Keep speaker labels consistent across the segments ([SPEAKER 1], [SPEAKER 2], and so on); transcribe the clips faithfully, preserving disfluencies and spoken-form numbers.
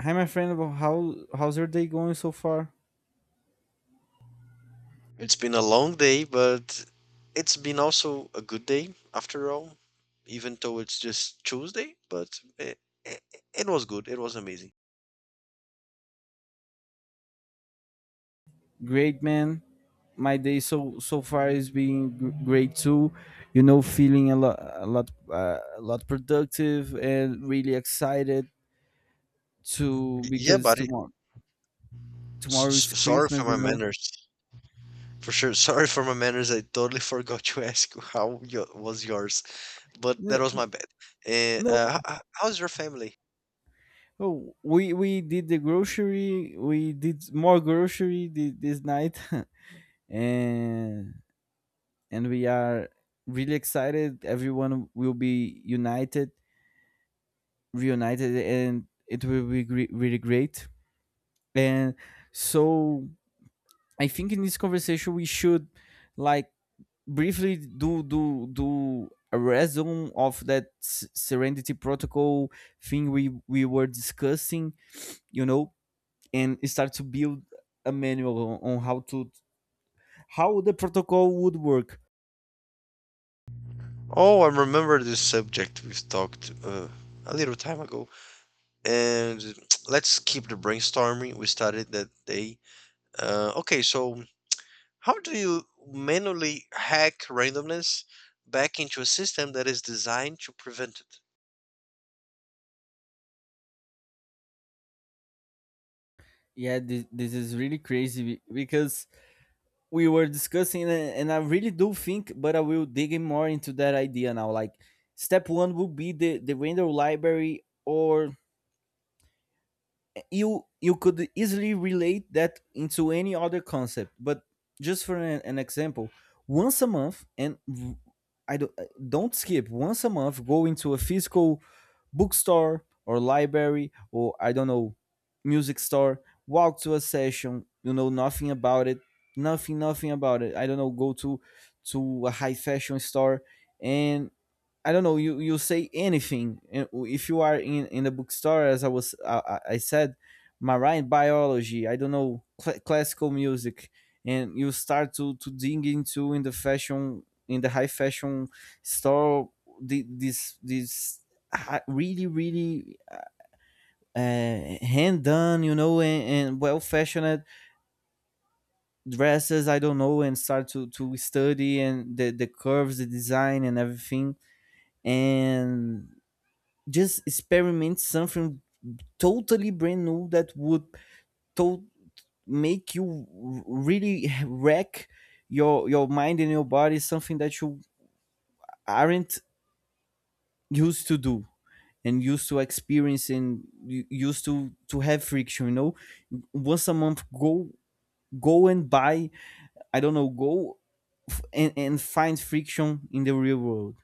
[SPEAKER 1] Hi, my friend. Well, How how's your day going so far?
[SPEAKER 2] It's been a long day, but it's been also a good day after all, even though it's just Tuesday, but it, it, it was good. It was amazing.
[SPEAKER 1] Great, man. My day so so far is being gr- great too. You know, feeling a lot a lot uh, a lot productive and really excited to
[SPEAKER 2] Y- Yeah,
[SPEAKER 1] because
[SPEAKER 2] buddy.
[SPEAKER 1] tomorrow tomorrow
[SPEAKER 2] S-
[SPEAKER 1] is
[SPEAKER 2] s- sorry
[SPEAKER 1] Christmas.
[SPEAKER 2] for my
[SPEAKER 1] You know.
[SPEAKER 2] manners. For sure. Sorry for my manners. I totally forgot to ask how yo was yours, but that was
[SPEAKER 1] N-
[SPEAKER 2] my bad. Uh,
[SPEAKER 1] No,
[SPEAKER 2] uh, h- h- how's your family?
[SPEAKER 1] oh, we we did the grocery. We did more grocery thi- this night, and and we are really excited. Everyone will be united reunited, and it will be gre- really great. And so I think in this conversation we should, like, briefly do do do a resume of that S- Serenity Protocol thing we we were discussing, you know, and start to build a manual on how to how the protocol would work.
[SPEAKER 2] Oh, I remember this subject we've talked uh, a little time ago. And let's keep the brainstorming we started that day. Uh, okay, so how do you manually hack randomness back into a system that is designed to prevent it?
[SPEAKER 1] Yeah, this, this is really crazy be- because we were discussing, a- and I really do think, but I will dig in more into that idea now. Like, step one would be the the render library, or you you could easily relate that into any other concept, but just for an, an example, once a month — and v- I don't, don't skip — once a month, go into a physical bookstore or library or, I don't know, music store. Walk to a session you know nothing about it, nothing nothing about it. I don't know, go to to a high fashion store. And I don't know. You you say anything. And if you are in in the bookstore, as I was, uh, I I said, marine biology. I don't know, cl- classical music. And you start to to dig into in the fashion in the high fashion store. The, this this hi- really really uh, hand done, you know, and, and well fashioned dresses. I don't know, and start to to study and the the curves, the design, and everything, and just experiment something totally brand new that would to- make you r- really wreck your your mind and your body, something that you aren't used to do and used to experience and u- used to to have friction you know Once a month, go go and buy — I don't know, go — and, and find friction in the real world.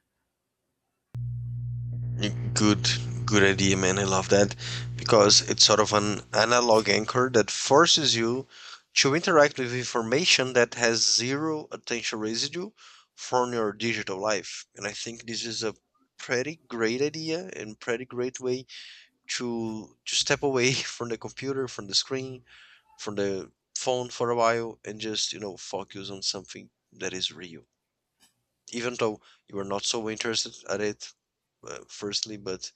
[SPEAKER 2] Mm. Good, good idea, man. I love that because it's sort of an analog anchor that forces you to interact with information that has zero attention residue from your digital life. And I think this is a pretty great idea and pretty great way to to step away from the computer, from the screen, from the phone for a while and just, you know, focus on something that is real. Even though you are not so interested at it, uh, firstly, but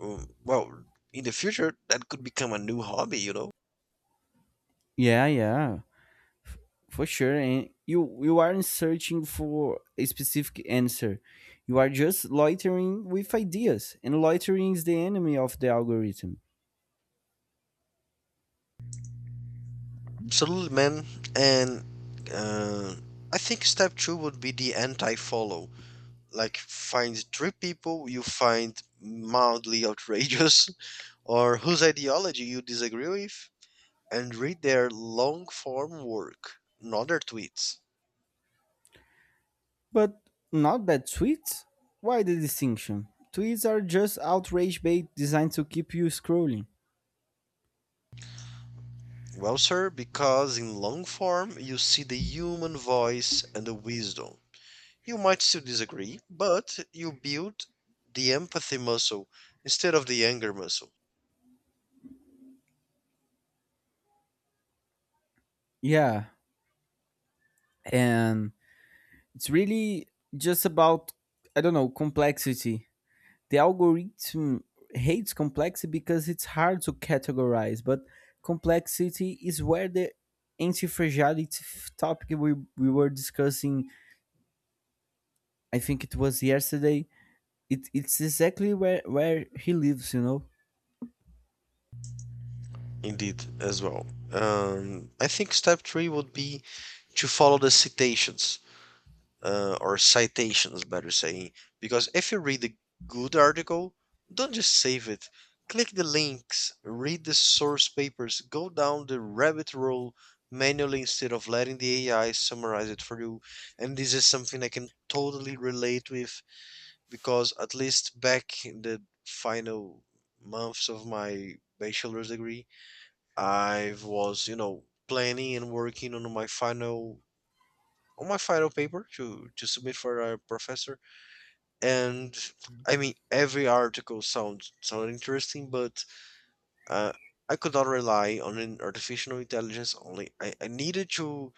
[SPEAKER 2] um, well, in the future that could become a new hobby, you know.
[SPEAKER 1] Yeah, yeah, for sure. And you you aren't searching for a specific answer. You are just loitering with ideas, and loitering is the enemy of the algorithm.
[SPEAKER 2] Absolutely, man. And uh, I think step two would be the anti-follow. Like find three people you find mildly outrageous or whose ideology you disagree with and read their long form work, not their tweets.
[SPEAKER 1] But not bad tweets. Why the distinction? Tweets are just outrage bait designed to keep you scrolling.
[SPEAKER 2] Well, sir, because in long form you see the human voice and the wisdom. You might still disagree, but you build the empathy muscle instead of the anger muscle.
[SPEAKER 1] Yeah. And it's really just about, I don't know, complexity. The algorithm hates complexity because it's hard to categorize, but complexity is where the anti-fragility f- topic we, we were discussing, I think it was yesterday, it, it's exactly where, where he lives, you know?
[SPEAKER 2] Indeed, as well. Um, I think step three would be to follow the citations. Uh, or citations, better saying. Because if you read a good article, don't just save it. Click the links, read the source papers, go down the rabbit hole manually instead of letting the A I summarize it for you. And this is something I can totally relate with because, at least back in the final months of my bachelor's degree, I was, you know, planning and working on my final on my final paper to to submit for our professor, and I mean every article sounds sound interesting, but uh, I could not rely on an artificial intelligence only. I, I needed to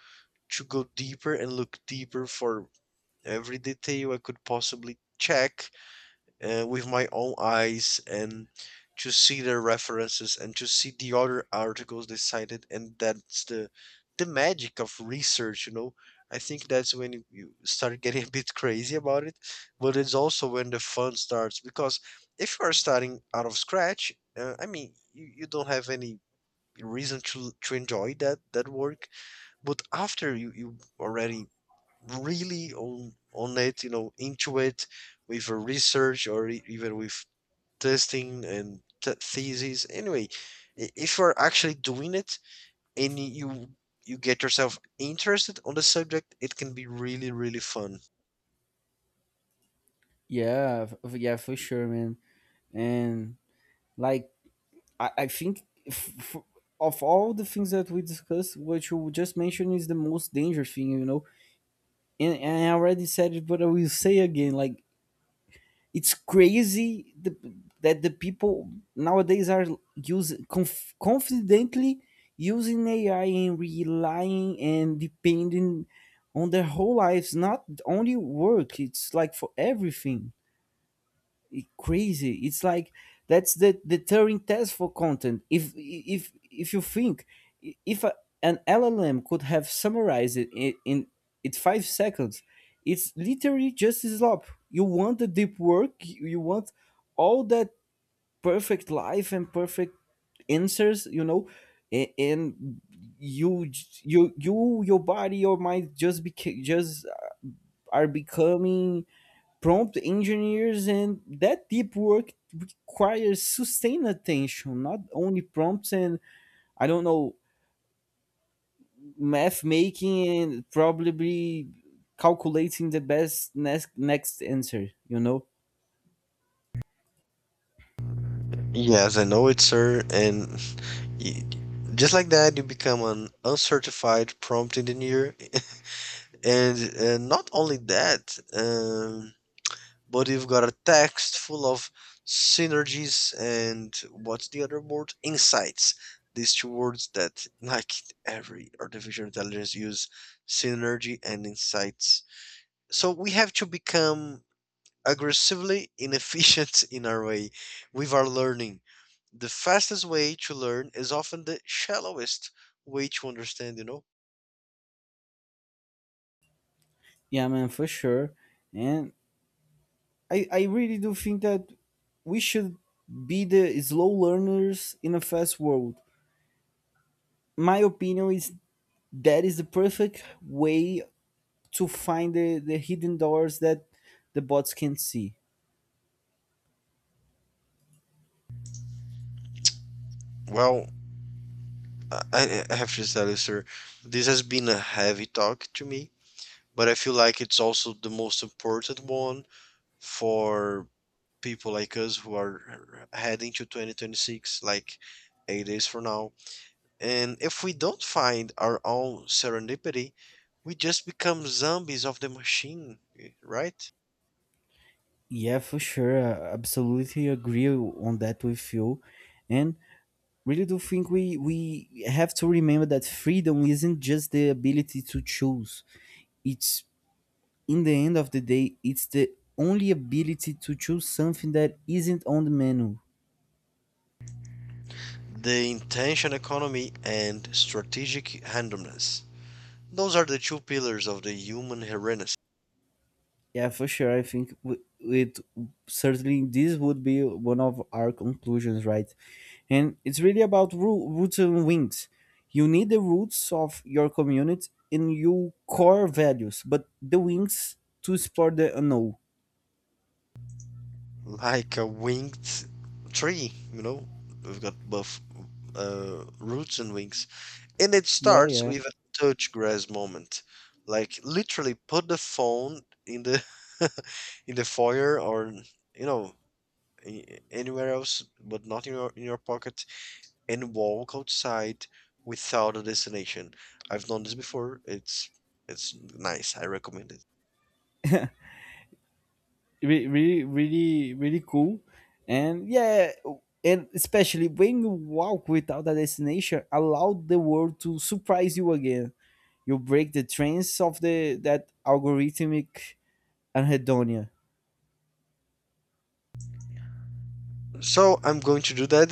[SPEAKER 2] to go deeper and look deeper for every detail I could possibly check uh, with my own eyes, and to see the references and to see the other articles they cited. And that's the the magic of research, you know. I think that's when you you start getting a bit crazy about it, but it's also when the fun starts. Because if you are starting out of scratch, uh, I mean you, you don't have any reason to to enjoy that that work. But after you you already really on on it, you know, into it with a research or e- even with testing and t- thesis. Anyway, i- if you're actually doing it and you you get yourself interested on the subject, it can be really really fun.
[SPEAKER 1] Yeah, f- yeah, for sure, man. And, like, I, I think, f- f- of all the things that we discussed, what you just mentioned is the most dangerous thing, you know? And, and I already said it, but I will say again, like, it's crazy the, that the people nowadays are using, conf, confidently using A I and relying and depending on their whole lives, not only work. It's like for everything, it- crazy. It's like that's the deterring test for content. If if if you think, i- if a, an L L M could have summarized it in, in it's five seconds, it's literally just a slop. You want the deep work. You you want all that perfect life and perfect answers you know a- And you, j- you you your body, your mind, just became just are becoming prompt engineers. And that deep work requires sustained attention, not only prompts, and, I don't know, math making, and probably calculating the best next next answer you know
[SPEAKER 2] Yes, I know it, sir, and y- just like that, you become an uncertified prompt engineer. And uh, not only that, um, but you've got a text full of synergies and what's the other word? Insights. These two words that, like every artificial intelligence, use synergy and insights. So we have to become aggressively inefficient in our way with our learning. The fastest way to learn is often the shallowest way to understand, you know?
[SPEAKER 1] Yeah, man, for sure. And i i really do think that we should be the slow learners in a fast world. My opinion is that is the perfect way to find the, the hidden doors that the bots can see.
[SPEAKER 2] Well, I, I I have to tell you, sir, this has been a heavy talk to me, but I feel like it's also the most important one for people like us who are heading to twenty twenty-six, like eight days from now. And if we don't find our own serendipity, we just become zombies of the machine, eh, right?
[SPEAKER 1] Yeah, for sure. I absolutely agree on that with you. And really do think we we have to remember that freedom isn't just the ability to choose. It's, in the end of the day, it's the only ability to choose something that isn't on the menu.
[SPEAKER 2] The intention economy and strategic randomness. Those are the two pillars of the human hereness.
[SPEAKER 1] Yeah, for sure. I think, w- it certainly this would be one of our conclusions, right? And it's really about roo- roots and wings. You need the roots of your community and your core values, but the wings to support the unknown.
[SPEAKER 2] Like a winged tree, you know, we've got both uh, roots and wings. And it
[SPEAKER 1] Yeah,
[SPEAKER 2] starts
[SPEAKER 1] yeah.
[SPEAKER 2] with a touch grass moment. Like literally put the phone in the in the foyer, or you know, a- anywhere else but not in your in your pocket, and walk outside without a destination. I've done this before. It's it's nice. I recommend it.
[SPEAKER 1] re- really really really cool. And, yeah, and especially when you walk without a destination, allow the world to surprise you again. You break the trends of the that algorithmic anhedonia.
[SPEAKER 2] So I'm going to do that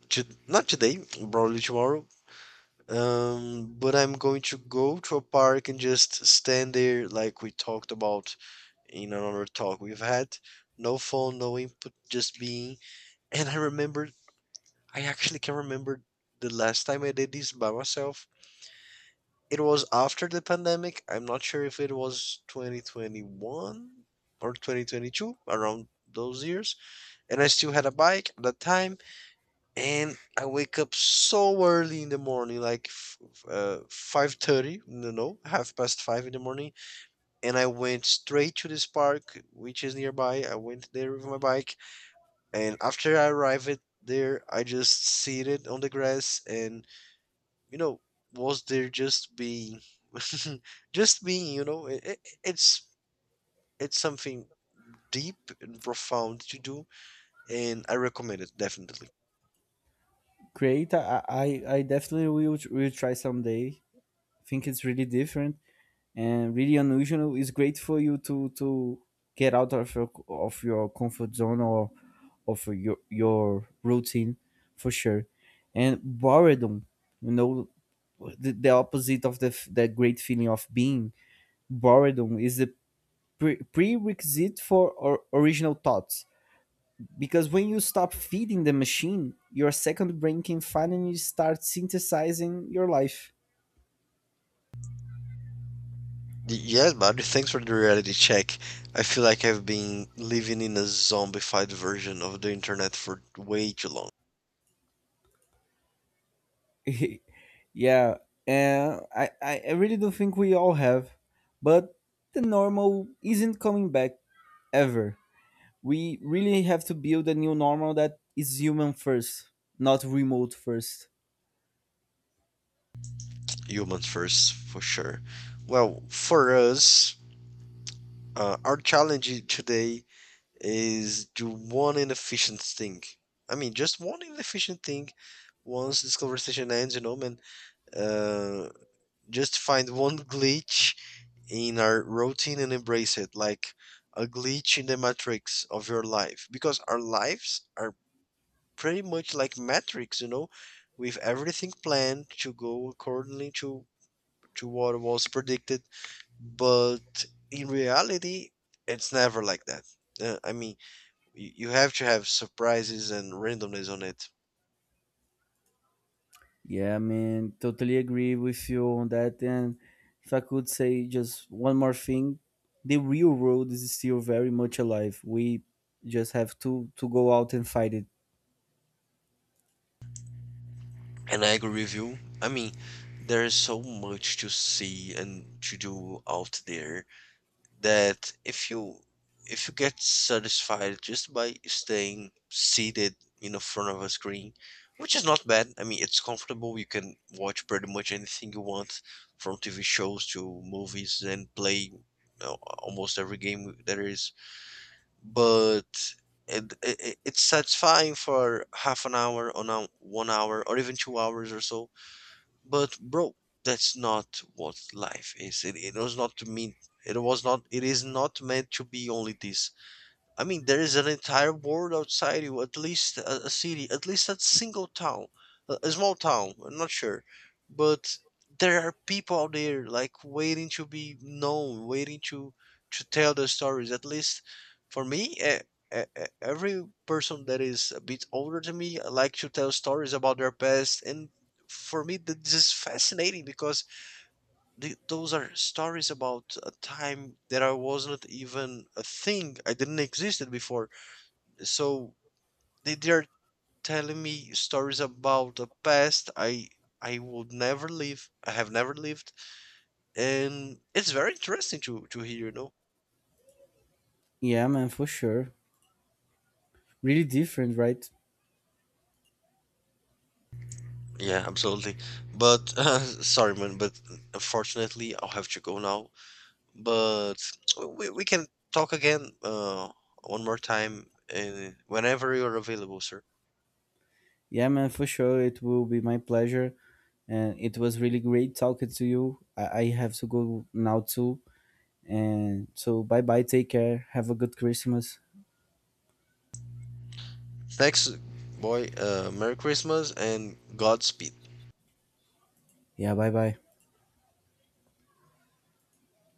[SPEAKER 2] to, not today, probably tomorrow. Um, but I'm going to go to a park and just stand there like we talked about in another talk we've had. No phone, no input, just being. And I remember, I actually can remember the last time I did this by myself. It was after the pandemic. I'm not sure if it was twenty twenty-one or twenty twenty-two, around those years. And I still had a bike at that time, and I wake up so early in the morning, like f- f- uh, five thirty, no, no, half past five in the morning, and I went straight to this park, which is nearby. I went there with my bike, and after I arrived there, I just seated on the grass, and you know, was there just being, just being, you know, it, it's it's something deep and profound to do, and I recommend it definitely.
[SPEAKER 1] Great. i i, I definitely will, will try someday. I think it's really different, and really unusual is great for you to to get out of your of your comfort zone or of your your routine, for sure. And boredom you know the, the opposite of the f- the great feeling of being boredom is the pre- prerequisite for or original thoughts, because when you stop feeding the machine, your second brain can finally start synthesizing your life.
[SPEAKER 2] Y- Yes, Mario, thanks for the reality check. I feel like I've been living in a zombified version of the internet for way too long.
[SPEAKER 1] Yeah, and I, I I really do think we all have, but the normal isn't coming back ever. We really have to build a new normal that is human first, not remote first.
[SPEAKER 2] Humans first, for sure. Well, for us, uh, our challenge today is do one inefficient thing. I mean, just one inefficient thing. Once this conversation ends, you know, man, uh, just find one glitch in our routine and embrace it like a glitch in the matrix of your life, because our lives are pretty much like matrix, you know, with everything planned to go accordingly to to what was predicted. But in reality, it's never like that. uh, I mean, y- you have to have surprises and randomness on it.
[SPEAKER 1] Yeah, man, totally agree with you on that. And if I could say just one more thing, the real world is still very much alive. We just have to to go out and fight it.
[SPEAKER 2] And I agree with you. I mean, there is so much to see and to do out there, that if you if you get satisfied just by staying seated in the front of a screen, which is not bad. I mean, it's comfortable. You can watch pretty much anything you want, from T V shows to movies, and play you know, almost every game there is. But it, it, it's satisfying for half an hour, on a, one hour, or even two hours or so. But bro, that's not what life is. It, it was not to mean. It was not. It is not meant to be only this. I mean, there is an entire world outside you, at least a, a city, at least a single town, a, a small town, I'm not sure. But there are people out there like waiting to be known, waiting to to tell their stories. At least for me, eh, eh, eh, every person that is a bit older than me uh, like to tell stories about their past. And for me, th- this is fascinating because th- those are stories about a time that I wasn't even a thing. I didn't existed before. So they they're telling me stories about the past I I would never live. I have never lived, and it's very interesting to to hear, you know.
[SPEAKER 1] Yeah, man, for sure. Really different, right?
[SPEAKER 2] Yeah, absolutely. But uh, sorry man, but unfortunately I'll have to go now. But we, we can talk again, uh one more time, and whenever you're available, sir.
[SPEAKER 1] Yeah, man, for sure. It will be my pleasure. And it was really great talking to you. I, I have to go now too. And so, bye bye. Take care. Have a good Christmas.
[SPEAKER 2] Thanks, boy. uh Merry Christmas and Godspeed.
[SPEAKER 1] Yeah, bye bye.